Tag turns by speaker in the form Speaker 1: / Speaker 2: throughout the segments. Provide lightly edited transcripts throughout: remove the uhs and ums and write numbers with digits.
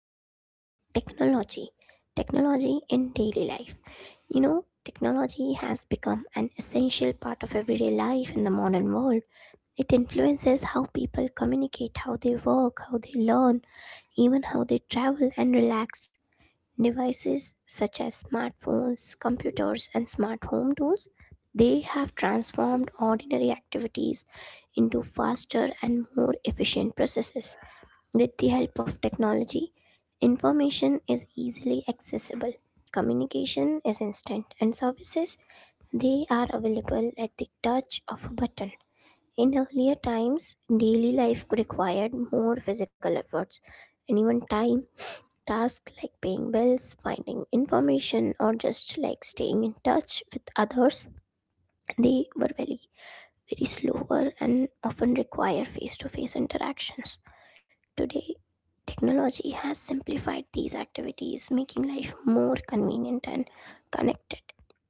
Speaker 1: to talk about technology. Technology in daily life. You know, technology has become an essential part of everyday life in the modern world. It influences how people communicate, how they work, how they learn, even how they travel and relax. Devices such as smartphones, computers, and smart home tools, they have transformed ordinary activities into faster and more efficient processes. With the help of technology, information is easily accessible. Communication is instant, and services they are available at the touch of a button. In earlier times, daily life required more physical efforts and even time. Tasks like paying bills, finding information, or just like staying in touch with others, they were very, very slower and often require face to face interactions. Today, technology has simplified these activities, making life more convenient and connected.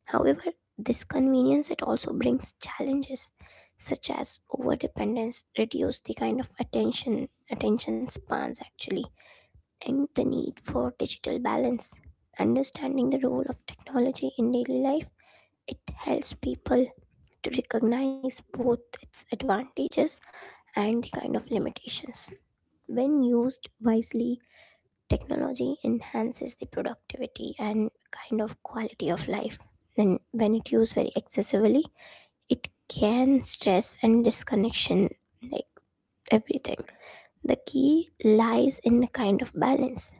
Speaker 1: However, this convenience it also brings challenges such as overdependence, reduce the kind of attention spans actually, and the need for digital balance. Understanding the role of technology in daily life, it helps people to recognize both its advantages and the kind of limitations. When used wisely, technology enhances the productivity and kind of quality of life. And when it used very excessively, it can stress and disconnection like everything. The key lies in a kind of balance,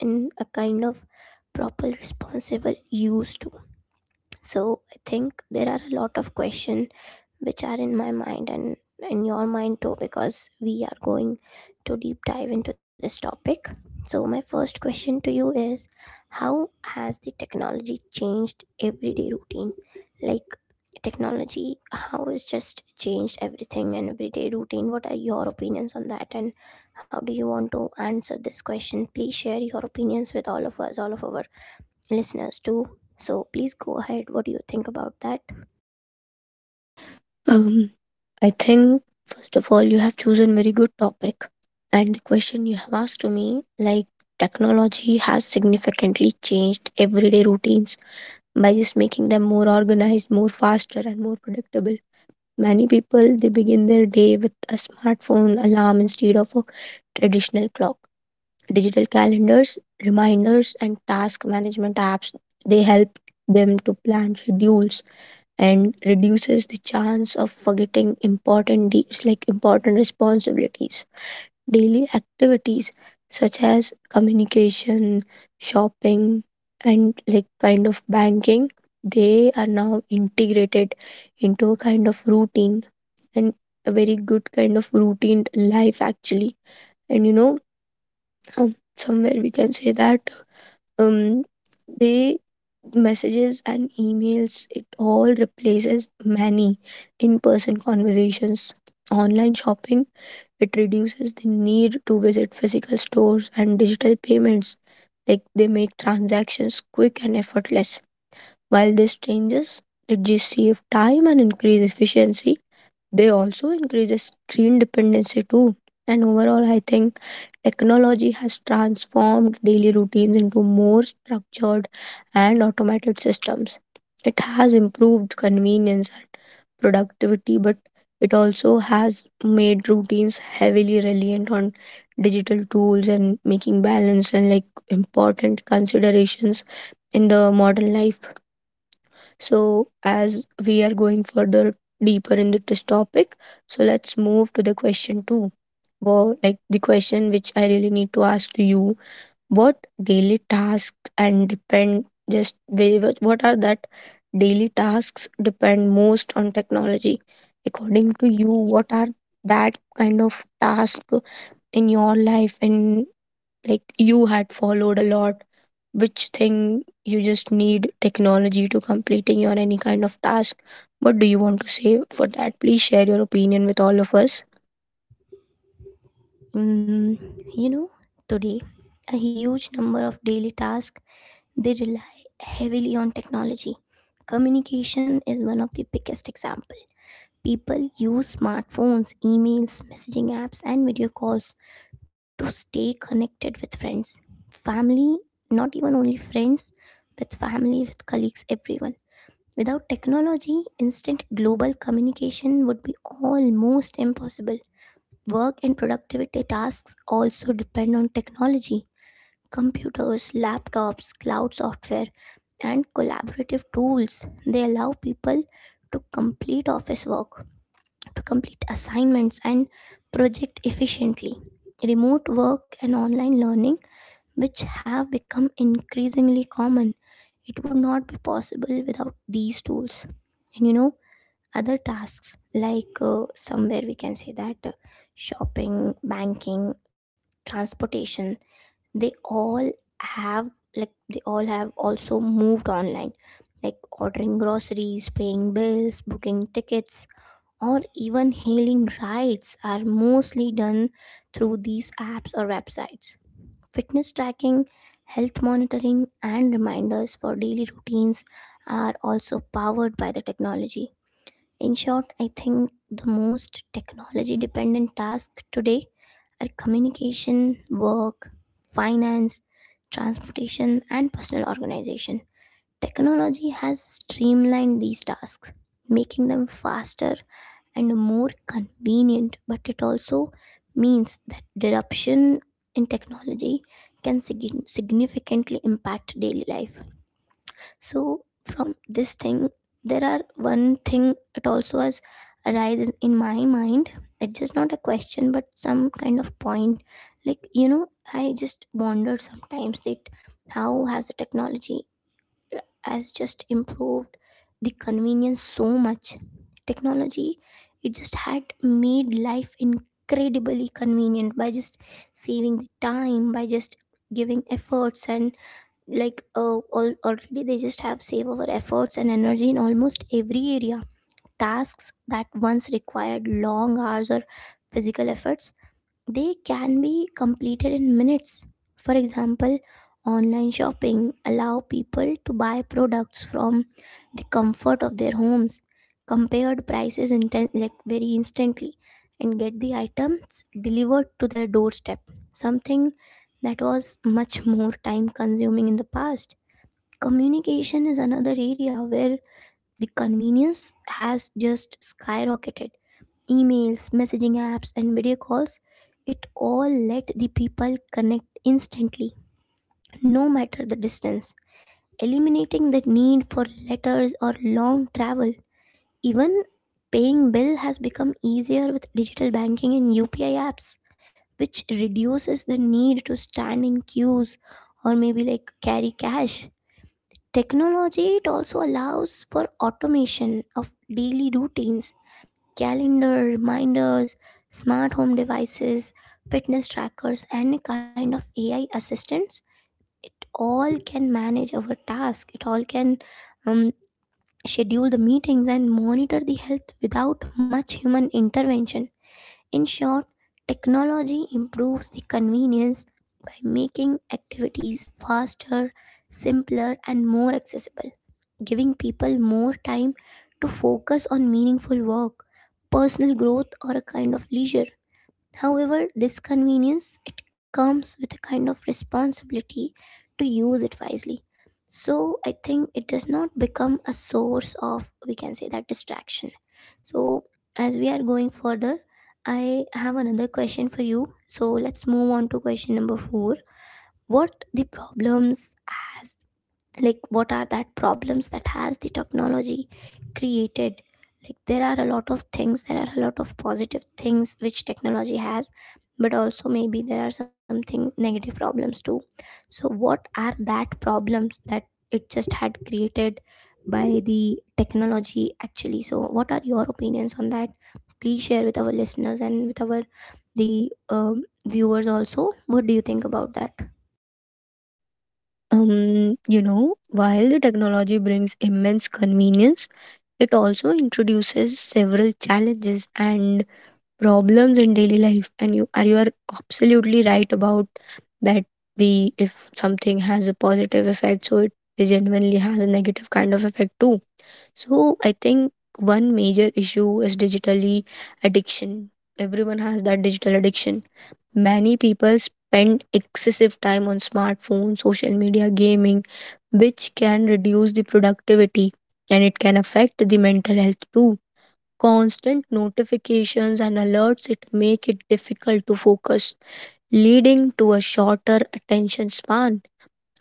Speaker 1: in a kind of proper responsible use to so I think there are a lot of questions which are in my mind and in your mind too, because we are going to deep dive into this topic. So my first question to you is, how has the technology changed everyday routine? Like technology, how has just changed everything and everyday routine, what are your opinions on that, and how do you want to answer this question? Please share your opinions with all of us, all of our listeners too. So please go ahead. What do you think about that?
Speaker 2: Um, I think first of all you have chosen very good topic and the question you have asked to me like technology has significantly changed everyday routines by just making them more organized, more faster and more predictable. Many people they begin their day with a smartphone alarm instead of a traditional clock. Digital calendars, reminders and task management apps they help them to plan schedules and reduces the chance of forgetting important deeds like important responsibilities. Daily activities such as communication, shopping, and like kind of banking, they are now integrated into a kind of routine and a very good kind of routine life actually. And you know, somewhere we can say that um, they messages and emails it all replaces many in-person conversations, online shopping it reduces the need to visit physical stores, and digital payments like they make transactions quick and effortless. While this changes it just save time and increase efficiency, they also increases screen dependency too. And overall I think technology has transformed daily routines into more structured and automated systems. It has improved convenience and productivity, but it also has made routines heavily reliant on digital tools, and making balance and like important considerations in the modern life. So, as we are going further deeper into this topic, so let's move to the question two. Well, like the question which I really need to ask to you: what daily tasks and depend what are that daily tasks depend most on technology? According to you, what are that kind of task in your life, and like you had followed a lot, which thing you just need technology to completing your any kind of task? What do you want to say for that? Please share your opinion with all of us.
Speaker 1: Mm, you know, today a huge number of daily tasks they rely heavily on technology. Communication is one of the biggest example. People use smartphones, emails, messaging apps, and video calls to stay connected with friends, family, not even only friends, with family, with colleagues, everyone. Without technology, instant global communication would be almost impossible. Work and productivity tasks also depend on technology. Computers, laptops, cloud software, and collaborative tools. They allow people to complete office work, to complete assignments, and project efficiently. Remote work and online learning, which have become increasingly common, it would not be possible without these tools. And you know, other tasks like somewhere we can say that shopping banking transportation they all have, like they all have also moved online, like ordering groceries, paying bills, booking tickets, or even hailing rides are mostly done through these apps or websites. Fitness tracking, health monitoring, and reminders for daily routines are also powered by the technology. In short, I think the most technology dependent tasks today are communication, work, finance, transportation, and personal organization. Technology has streamlined these tasks, making them faster and more convenient, but it also means that disruption in technology can significantly impact daily life. So from this thing there are one thing it also has arises in my mind. It's just not a question but some kind of point, like you know, I just wonder sometimes that how has the technology has just improved the convenience so much. Technology, it just had made life incredibly convenient by just saving the time, by just giving efforts and like already they just have save our efforts and energy in almost every area. Tasks that once required long hours or physical efforts they can be completed in minutes. For example, online shopping allow people to buy products from the comfort of their homes, compared prices like very instantly, and get the items delivered to their doorstep, something that was much more time consuming in the past. Communication is another area where the convenience has just skyrocketed. Emails, messaging apps, and video calls, it all let the people connect instantly, no matter the distance, eliminating the need for letters or long travel. Even paying bill has become easier with digital banking and UPI apps, which reduces the need to stand in queues or maybe like carry cash. Technology, it also allows for automation of daily routines, calendar, reminders, smart home devices, fitness trackers, and a kind of AI assistants. It all can manage our task. It all can um, schedule the meetings and monitor the health without much human intervention. In short, technology improves the convenience by making activities faster, simpler, and more accessible, giving people more time to focus on meaningful work, personal growth, or a kind of leisure. However, this convenience it comes with a kind of responsibility to use it wisely. So I think it does not become a source of, we can say that, distraction. So as we are going further, I have another question for you. So let's move on to question number 4. What the problems as like what are that problems that has the technology created? Like there are a lot of things, there are a lot of positive things which technology has, but also maybe there are something negative problems too. So what are that problems that it just had created by the technology actually? So what are your opinions on that? Please share with our listeners and with our the viewers also. What do you think about that?
Speaker 2: You know, while the technology brings immense convenience, it also introduces several challenges and problems in daily life. And you are absolutely right about that. The if something has a positive effect, so it genuinely has a negative kind of effect too. So I think one major issue is digitally addiction. Everyone has that digital addiction. Many people spend excessive time on smartphones, social media, gaming, which can reduce the productivity and it can affect the mental health too. Constant notifications and alerts it make it difficult to focus, leading to a shorter attention span.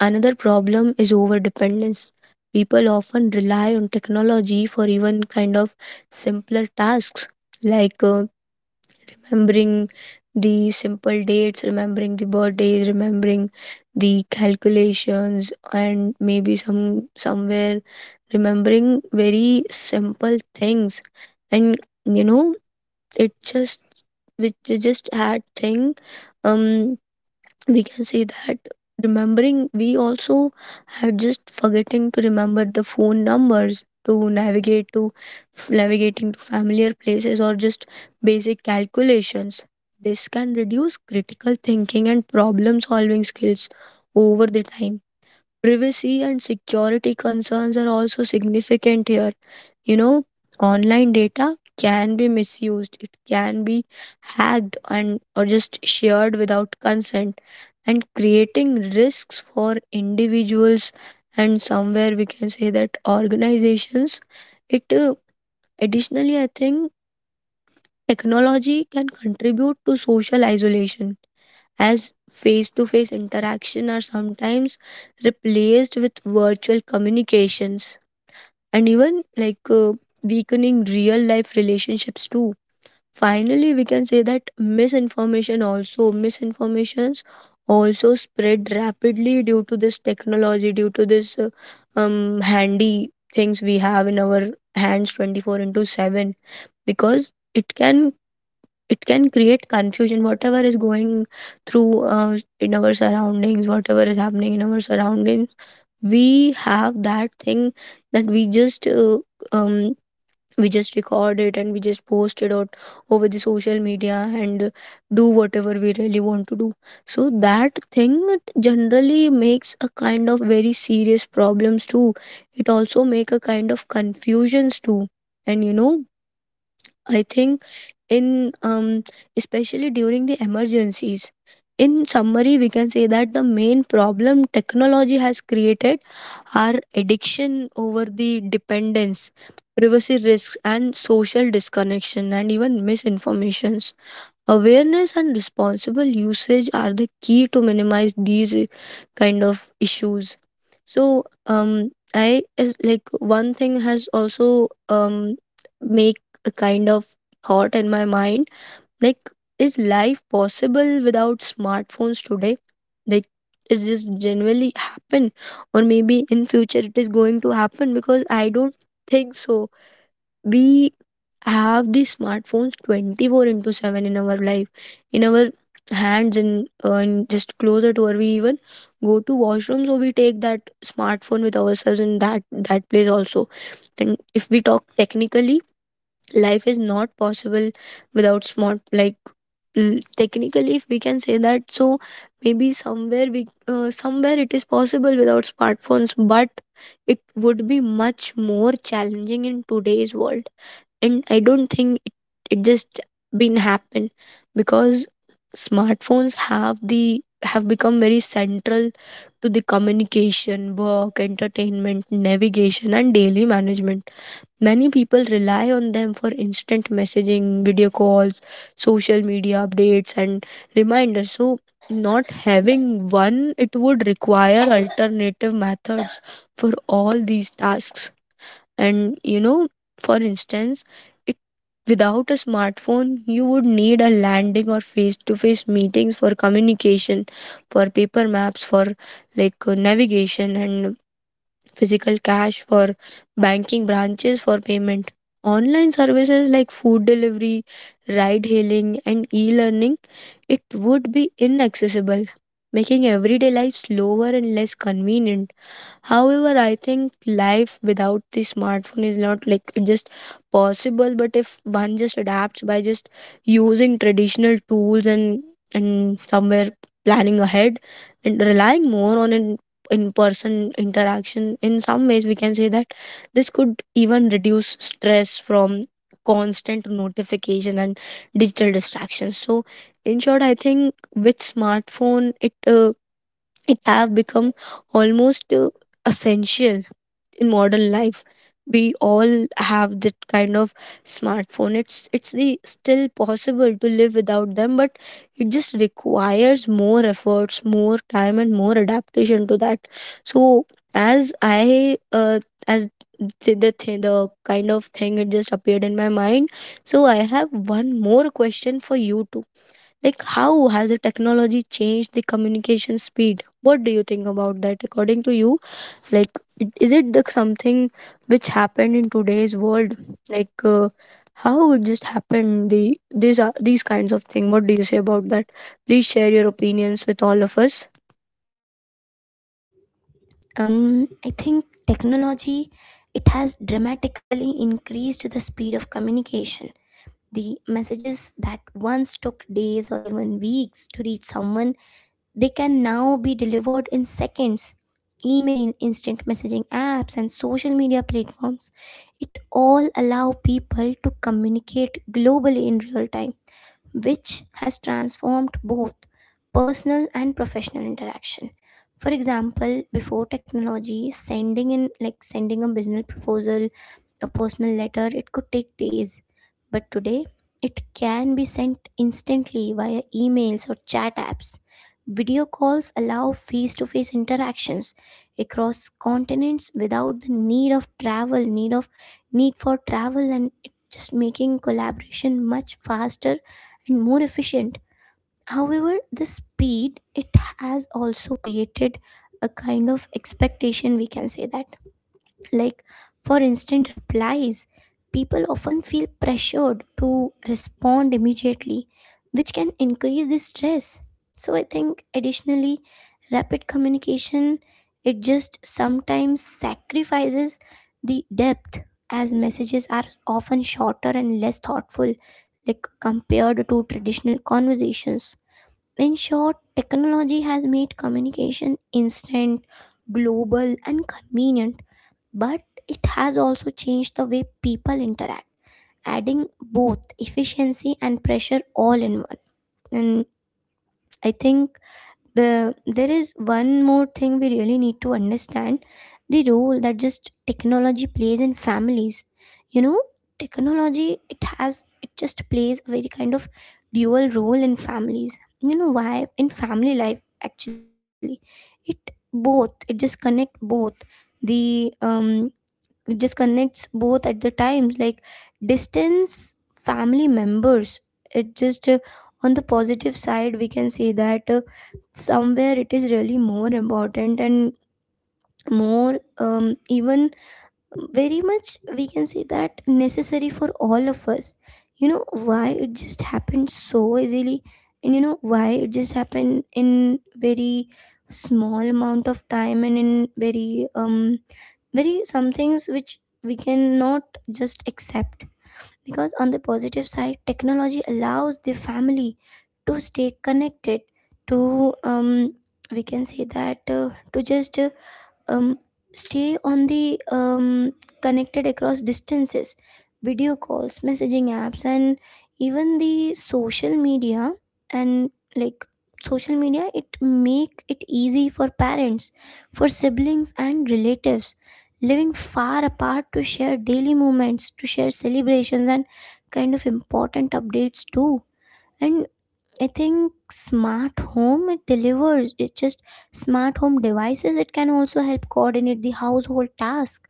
Speaker 2: Another problem is overdependence. People often rely on technology for even kind of simpler tasks like remembering the simple dates, remembering the birthdays, remembering the calculations, and maybe some somewhere remembering very simple things. And you know, it just which is just had thing. Um, we can say that remembering we also have just forgetting to remember the phone numbers to navigate to navigating to familiar places, or just basic calculations. This can reduce critical thinking and problem solving skills over the time. Privacy and security concerns are also significant here. You know, online data can be misused, it can be hacked and or just shared without consent, and creating risks for individuals and somewhere we can say that organizations. It Additionally I think technology can contribute to social isolation, as face to face interaction are sometimes replaced with virtual communications, and even like weakening real life relationships too. Finally we can say that misinformation also misinformations also spread rapidly due to this technology, due to this handy things we have in our hands 24 into 7, because it can it can create confusion. Whatever is going through in our surroundings, whatever is happening in our surroundings, we have that thing that um we just record it and we just post it out over the social media and do whatever we really want to do. So that thing generally makes a kind of very serious problems too. It also make a kind of confusions too. And you know, I think in especially during the emergencies. In summary we can say that the main problem technology has created are addiction, over the dependence, privacy risks, and social disconnection, and even misinformations. Awareness and responsible usage are the key to minimize these kind of issues. So, I is like one thing has also make a kind of thought in my mind, like is life possible without smartphones today? Like is this genuinely happen, or maybe in future it is going to happen? Because I don't think so. We have these smartphones 24 into 7 in our life, in our hands, and just closer to where we even go to washroom, so we take that smartphone with ourselves in that place also. And if we talk technically, life is not possible without technically if we can say that. So maybe somewhere we somewhere it is possible without smartphones, but it would be much more challenging in today's world. And I don't think it just been happen, because smartphones have the have become very central to the communication, work, entertainment, navigation and daily management. Many people rely on them for instant messaging, video calls, social media updates and reminders. So not having one, it would require alternative methods for all these tasks. And you know, for instance, it without a smartphone, you would need a landing or face-to-face meetings for communication, for paper maps, for like navigation, and physical cash for banking branches for payment. Online services like food delivery, ride hailing, and e learning, it would be inaccessible, making everyday life slower and less convenient. However, I think life without the smartphone is not like just possible, but if one just adapts by just using traditional tools and somewhere planning ahead and relying more on it, in person interaction, in some ways we can say that this could even reduce stress from constant notification and digital distractions. So in short I think with smartphone it it have become almost essential in modern life. We all have that kind of smartphone. Still possible to live without them, but it just requires more efforts, more time, and more adaptation to that. So as I as the kind of thing it just appeared in my mind, so I have one more question for you too. Like how has the technology changed the communication speed? What do you think about that? According to you, like is it the something which happened in today's world? Like how it just happened, the these are these kinds of thing? What do you say about that? Please share your opinions with all of us.
Speaker 1: I think technology it has dramatically increased the speed of communication. The messages that once took days or even weeks to reach someone, they can now be delivered in seconds. Email, instant messaging apps, and social media platforms, it all allow people to communicate globally in real time, which has transformed both personal and professional interaction. For example, before technology, sending in like sending a business proposal, a personal letter, it could take days. But today, it can be sent instantly via emails or chat apps. Video calls allow face to face interactions across continents without the need of travel, need for travel, and it just making collaboration much faster and more efficient. However, the speed it has also created a kind of expectation, we can say that, like for instant replies people often feel pressured to respond immediately, which can increase the stress. So I think additionally rapid communication it just sometimes sacrifices the depth, as messages are often shorter and less thoughtful like compared to traditional conversations. In short, technology has made communication instant, global and convenient, but it has also changed the way people interact, adding both efficiency and pressure all in one. And I think the there is one more thing we really need to understand, the role that just technology plays in families. You know, technology it has it just plays a very kind of dual role in families. You know why? In family life actually. It both it just connect both the it just connects both at the times like distance family members it just on the positive side we can say that somewhere it is really more important and more even very much we can say that necessary for all of us. You know why it just happened so easily, and you know why it just happened in very small amount of time and in very very some things which we cannot just accept. Because on the positive side technology allows the family to stay connected to we can say that to just um, stay on the connected across distances. Video calls, messaging apps, and even the social media, and like social media it make it easy for parents, for siblings and relatives living far apart to share daily moments, to share celebrations and kind of important updates too. And I think smart home it delivers. It's just smart home devices. It can also help coordinate the household task,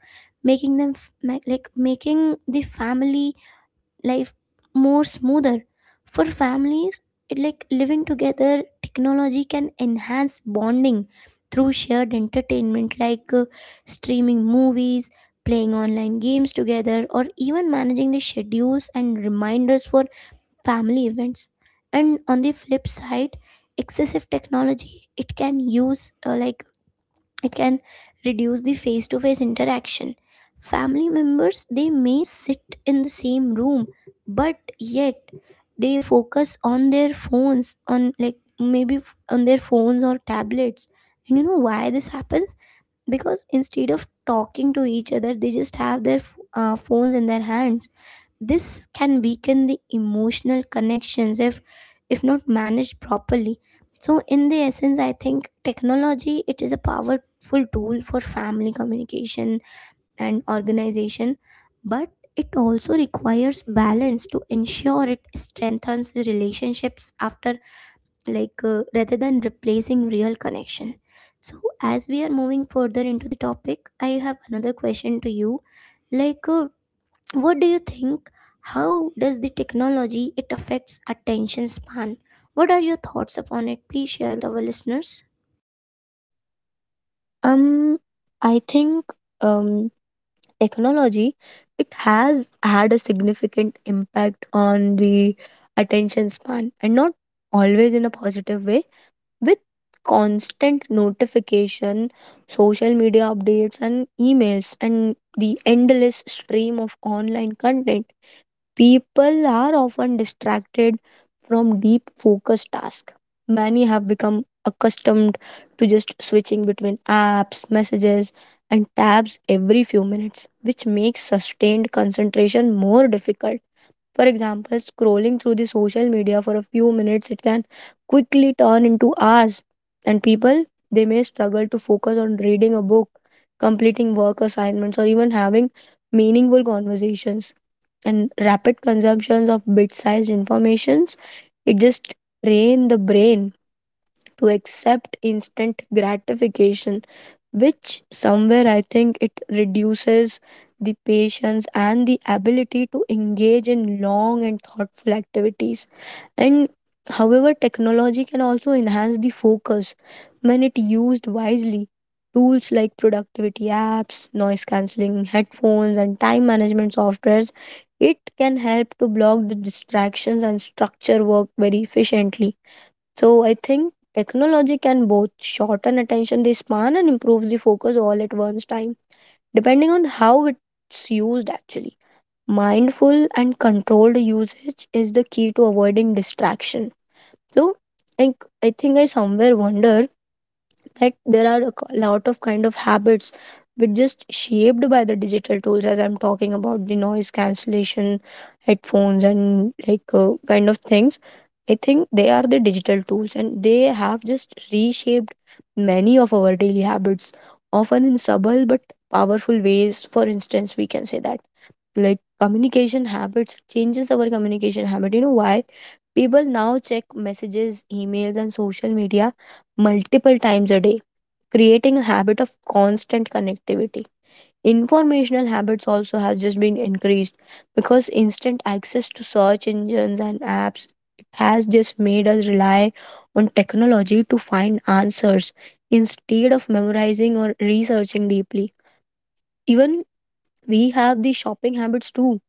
Speaker 1: making them like making the family life more smoother. For families, it like living together. Technology can enhance bonding through shared entertainment, like streaming movies, playing online games together, or even managing the schedules and reminders for family events. And on the flip side, excessive technology, it can use like it can reduce the face to face interaction. Family members, they may sit in the same room, but yet they focus on their phones, on like maybe on their phones or tablets. And you know why this happens? Because instead of talking to each other, they just have their phones in their hands. This can weaken the emotional connections if not managed properly. So in the essence, I think technology, it is a powerful tool for family communication and organization, but it also requires balance to ensure it strengthens the relationships after, like rather than replacing real connection. So as we are moving further into the topic, I have another question to you. Like what do you think, how does the technology, it affects attention span? What are your thoughts upon it? Please share with our listeners.
Speaker 2: Um, I think um, technology it has had a significant impact on the attention span, and not always in a positive way. With constant notification, social media updates, and emails, and the endless stream of online content, people are often distracted from deep focus tasks. Many have become accustomed to just switching between apps, messages, and tabs every few minutes, which makes sustained concentration more difficult. For example, scrolling through the social media for a few minutes, it can quickly turn into hours. And people, they may struggle to focus on reading a book, completing work assignments, or even having meaningful conversations. And rapid consumptions of bit-sized informations, it just drain the brain to accept instant gratification, which somewhere I think it reduces the patience and the ability to engage in long and thoughtful activities. And however, technology can also enhance the focus when it used wisely. Tools like productivity apps, noise cancelling headphones, and time management softwares, it can help to block the distractions and structure work very efficiently. So I think technology can both shorten attention the span and improve the focus all at once time, depending on how it's used actually. Mindful and controlled usage is the key to avoiding distraction. So like I think I somewhere wonder that there are a lot of kind of habits which just shaped by the digital tools, as I'm talking about the noise cancellation headphones and like kind of things. I think they are the digital tools and they have just reshaped many of our daily habits, often in subtle but powerful ways. For instance we can say that like communication habits, changes our communication habit. You know why? People now check messages, emails and social media multiple times a day, creating a habit of constant connectivity. Informational habits also has just been increased because instant access to search engines and apps has just made us rely on technology to find answers instead of memorizing or researching deeply. Even we have the shopping habits too.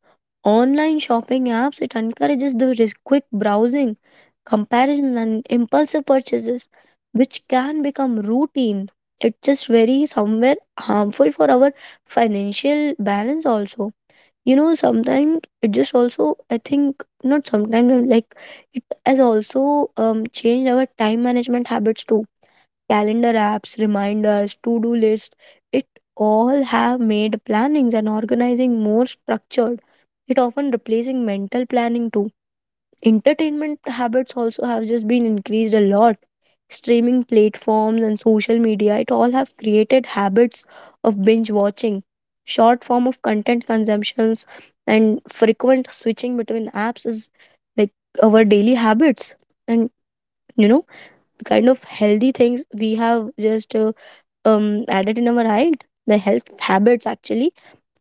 Speaker 2: Online shopping apps it encourages the quick browsing, comparison and impulsive purchases which can become routine. It just very somewhere harmful for our financial balance also. You know, sometimes it just also, I think, not sometimes, like it has also changed our time management habits too. Calendar apps, reminders, to-do lists, it all have made plannings and organizing more structured. It often replacing mental planning too. Entertainment habits also have just been increased a lot. Streaming platforms and social media, it all have created habits of binge watching, short form of content consumptions, and frequent switching between apps is like our daily habits. And you know, the kind of healthy things we have just added in our height the health habits actually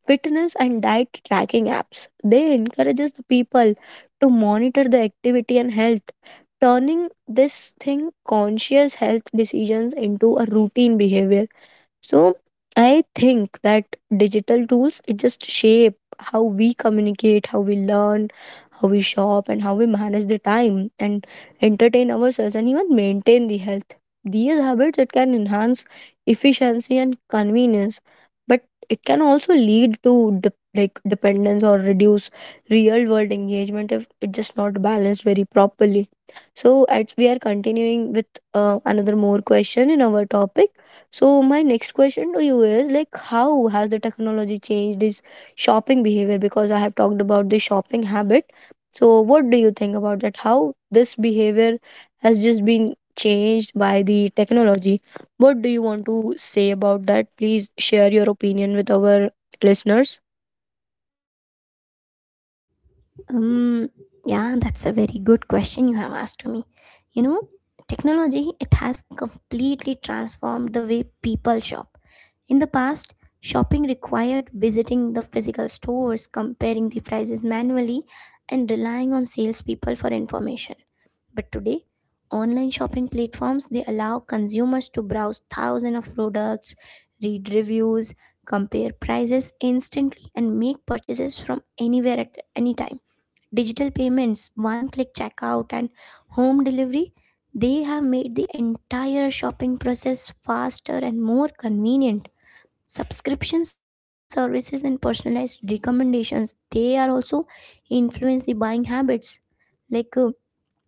Speaker 2: fitness and diet tracking apps they encourages the people to monitor the activity and health turning this thing conscious health decisions into a routine behavior. So I think that digital tools it just shape how we communicate, how we learn, how we shop, and how we manage the time and entertain ourselves and even maintain the health. These habits it can enhance efficiency and convenience, but it can also lead to like dependence or reduce real world engagement if it's just not balanced very properly. So, as we are continuing with another more question in our topic, so my next question to you is like, how has the technology changed this shopping behavior? Because I have talked about the shopping habit. So what do you think about that? How this behavior has just been changed by the technology? What do you want to say about that? Please share your opinion with our listeners.
Speaker 1: um yeah, that's a very good question you have asked to me. You know, technology, it has completely transformed the way people shop. In the past, shopping required visiting the physical stores, comparing the prices manually, and relying on salespeople for information. But today, online shopping platforms, they allow consumers to browse thousands of products, read reviews, compare prices instantly, and make purchases from anywhere at any time. Digital payments, one-click checkout, and home delivery, they have made the entire shopping process faster and more convenient. Subscription services and personalized recommendations, they are also influence the buying habits. Like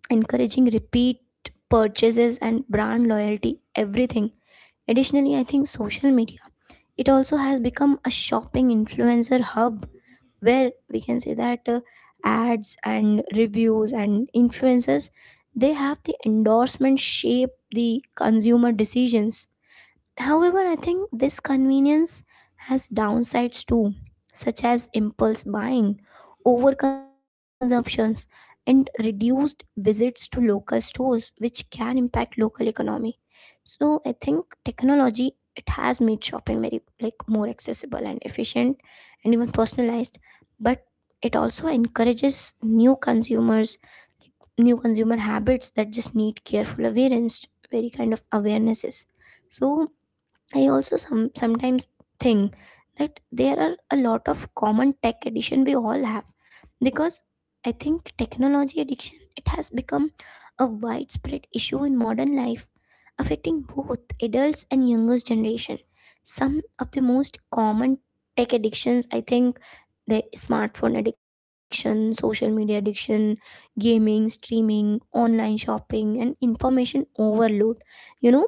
Speaker 1: encouraging repeat purchases and brand loyalty, everything. Additionally, I think social media, it also has become a shopping influencer hub, where we can say that ads and reviews and influencers, they have the endorsement shape the consumer decisions. However, I think this convenience has downsides too, such as impulse buying, overconsumptions, and reduced visits to local stores, which can impact local economy. So I think technology, it has made shopping very like more accessible and efficient and even personalized, but it also encourages new consumers, like new consumer habits that just need careful awareness, very kind of awarenesses. So I also some sometimes think that there are a lot of common tech addiction we all have, because I think technology addiction, it has become a widespread issue in modern life, affecting both adults and younger generation. Some of the most common tech addictions, I think the smartphone addiction, social media addiction, gaming, streaming, online shopping, and information overload. You know,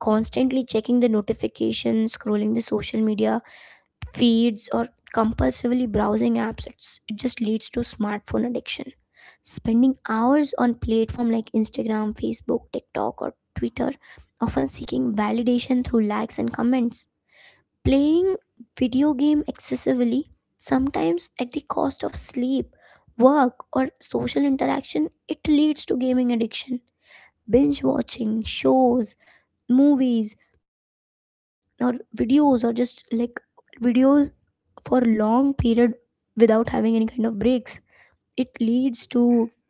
Speaker 1: constantly checking the notifications, scrolling the social media feeds, or compulsively browsing apps, it just leads to smartphone addiction. Spending hours on platform like Instagram, Facebook, TikTok, or Twitter, often seeking validation through likes and comments. Playing video game excessively, sometimes at the cost of sleep, work, or social interaction, it leads to gaming addiction. Binge watching shows, movies, or videos, or just like videos for long period without having any kind of breaks, it leads to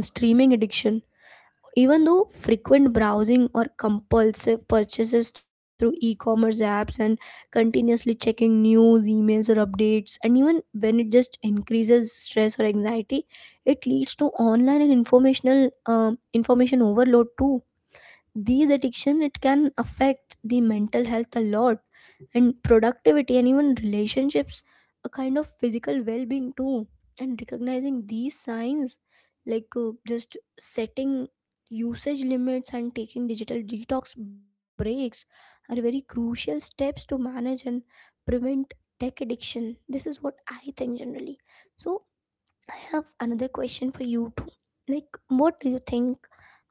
Speaker 1: streaming addiction. Even though frequent browsing or compulsive purchases through e-commerce apps, and continuously checking news, emails, or updates, and even when it just increases stress or anxiety, it leads to online and informational information overload too. These addiction, it can affect the mental health a lot, and productivity and even relationships, a kind of physical well-being too. And recognizing these signs, like just setting usage limits and taking digital detox breaks are very crucial steps to manage and prevent tech addiction. This is what I think generally. So I have another question for you too. Like, what do you think?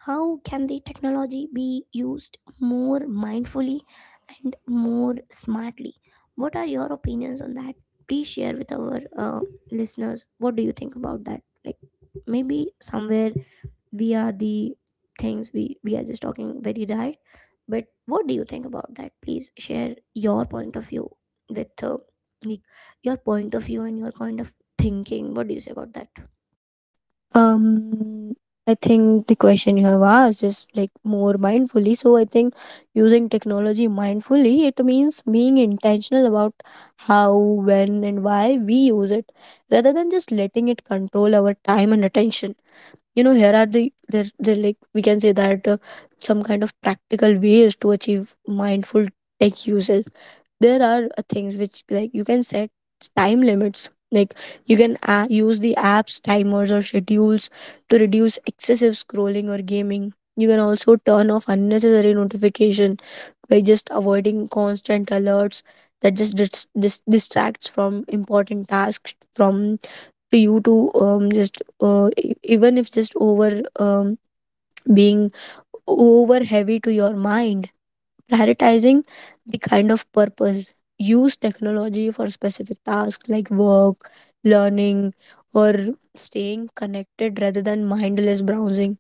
Speaker 1: How can the technology be used more mindfully and more smartly? What are your opinions on that? Please share with our listeners. What do you think about that? Like, maybe somewhere we are the things we are just talking very right, but what do you think about that? Please share your point of view with like your point of view and your kind of thinking. What do you say about that?
Speaker 2: Um, I think the question you have asked is like more mindfully. So I think using technology mindfully it means being intentional about how, when, and why we use it, rather than just letting it control our time and attention. You know, here are the there like we can say that some kind of practical ways to achieve mindful tech usage. There are things which like you can set time limits. Like you can use the apps timers or schedules to reduce excessive scrolling or gaming. You can also turn off unnecessary notification by just avoiding constant alerts that just distracts from important tasks, from for you to just e- even if just over being over heavy to your mind. Prioritizing the kind of purpose, use technology for specific tasks like work, learning, or staying connected rather than mindless browsing.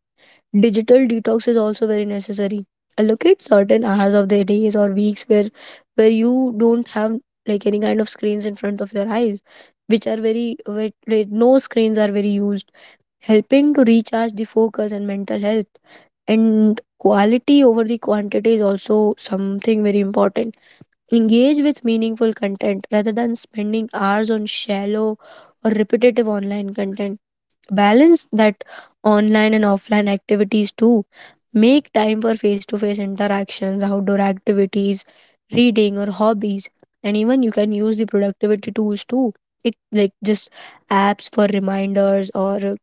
Speaker 2: Digital detox is also very necessary. Allocate certain hours of the days or weeks where you don't have like any kind of screens in front of your eyes which are very where no screens are very used, helping to recharge the focus and mental health. And quality over the quantity is also something very important. Engage with meaningful content rather than spending hours on shallow or repetitive online content. Balance that online and offline activities too. Make time for face to face interactions, outdoor activities, reading, or hobbies. And even you can use the productivity tools too. It like just apps for reminders or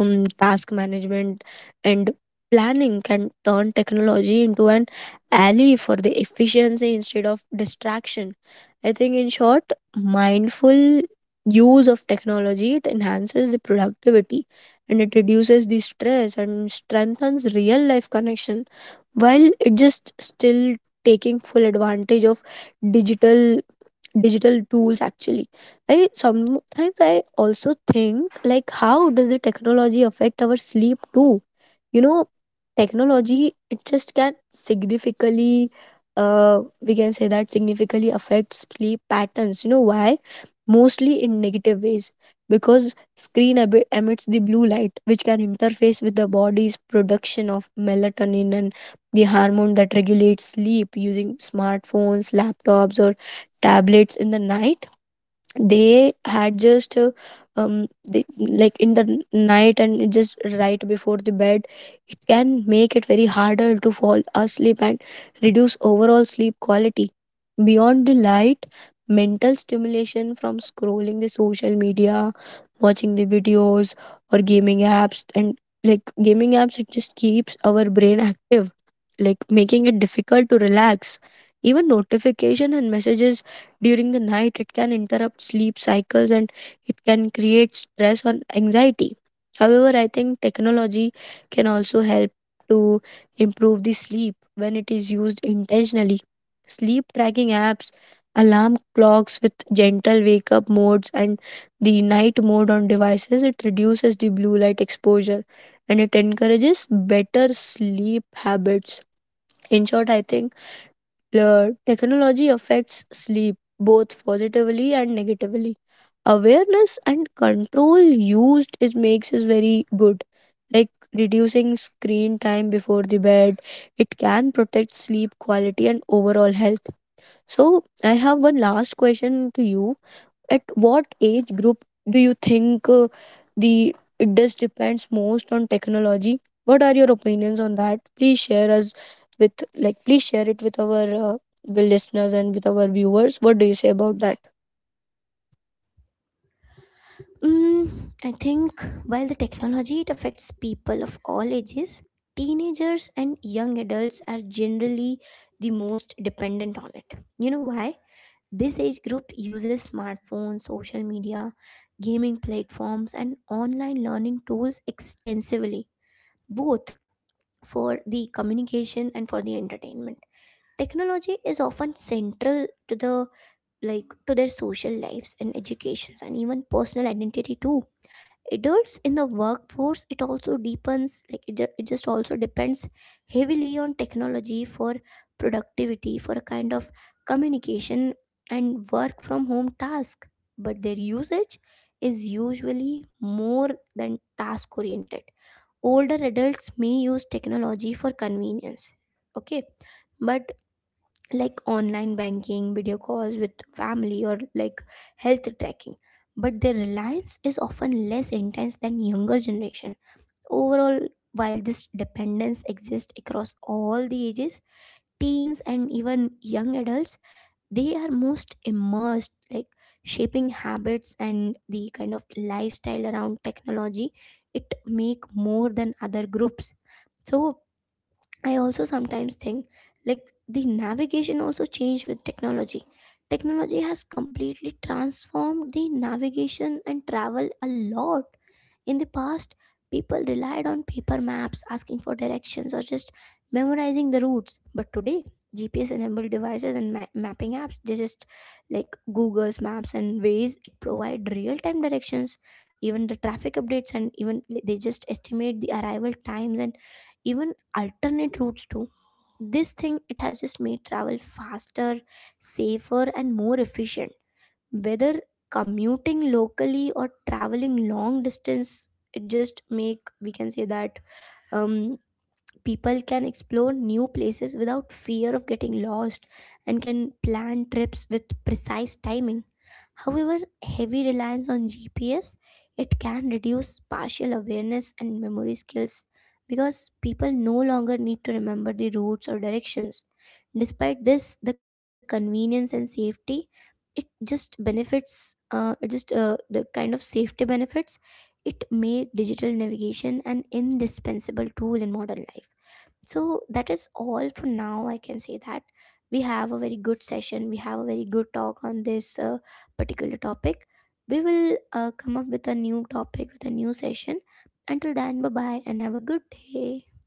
Speaker 2: task management and planning can turn technology into an ally for the efficiency instead of distraction. I think in short, mindful use of technology it enhances the productivity and it reduces the stress and strengthens real life connection, while it just still taking full advantage of digital digital tools. Actually, I also think like, how does the technology affect our sleep too? You know, technology it just can significantly, we can say that, significantly affects sleep patterns. You know why? Mostly in negative ways, because screen emits the blue light which can interface with the body's production of melatonin, and the hormone that regulates sleep. Using smartphones, laptops, or tablets in the night, they had just um they, like in the night and just right before the bed, it can make it very harder to fall asleep and reduce overall sleep quality. Beyond the light, mental stimulation from scrolling the social media, watching the videos or gaming apps, and like gaming apps, it just keeps our brain active, like making it difficult to relax. Even notification and messages during the night, it can interrupt sleep cycles and it can create stress or anxiety. However, I think technology can also help to improve the sleep when it is used intentionally. Sleep tracking apps, alarm clocks with gentle wake up modes, and the night mode on devices, it reduces the blue light exposure and it encourages better sleep habits. In short, I think, Blur, technology affects sleep both positively and negatively. Awareness and control used is makes is very good. Like reducing screen time before the bed, it can protect sleep quality and overall health. So I have one last question to you. At what age group do you think, the it does depends most on technology? What are your opinions on that? Please share us with, like please share it with our uh, listeners and with our viewers. What do you say about that?
Speaker 1: Mm, I think while the technology, it affects people of all ages, teenagers and young adults are generally the most dependent on it. You know why? This age group uses smartphones, social media, gaming platforms, and online learning tools extensively, both for the communication and for the entertainment. Technology is often central to the, like to their social lives and educations and even personal identity too. Adults in the workforce, it also deepens, like it just also depends heavily on technology for productivity, for a kind of communication and work from home task, but their usage is usually more than task oriented. Older adults may use technology for convenience, okay, but like online banking, video calls with family, or like health tracking. But their reliance is often less intense than younger generation. Overall, while this dependence exists across all the ages, teens and even young adults, they are most immersed, like shaping habits and the kind of lifestyle around technology. It make more than other groups. So I also sometimes think like the navigation also changed with technology. Technology has completely transformed the navigation and travel a lot. In the past, people relied on paper maps, asking for directions, or just memorizing the routes. But today, GPS enabled devices and mapping apps, they just like Google's Maps and Waze, it provide real time directions, even the traffic updates, and even they just estimate the arrival times and even alternate routes too. This thing, it has just made travel faster, safer, and more efficient, whether commuting locally or traveling long distance. It just make, we can say that um, people can explore new places without fear of getting lost and can plan trips with precise timing. However, heavy reliance on GPS, it can reduce partial awareness and memory skills, because people no longer need to remember the routes or directions. Despite this, the convenience and safety, it just benefits it just the kind of safety benefits, it make digital navigation an indispensable tool in modern life. So that is all for now. I can say that we have a very good session, we have a very good talk on this particular topic. We will come up with a new topic with a new session. Until then, bye bye, and have a good day.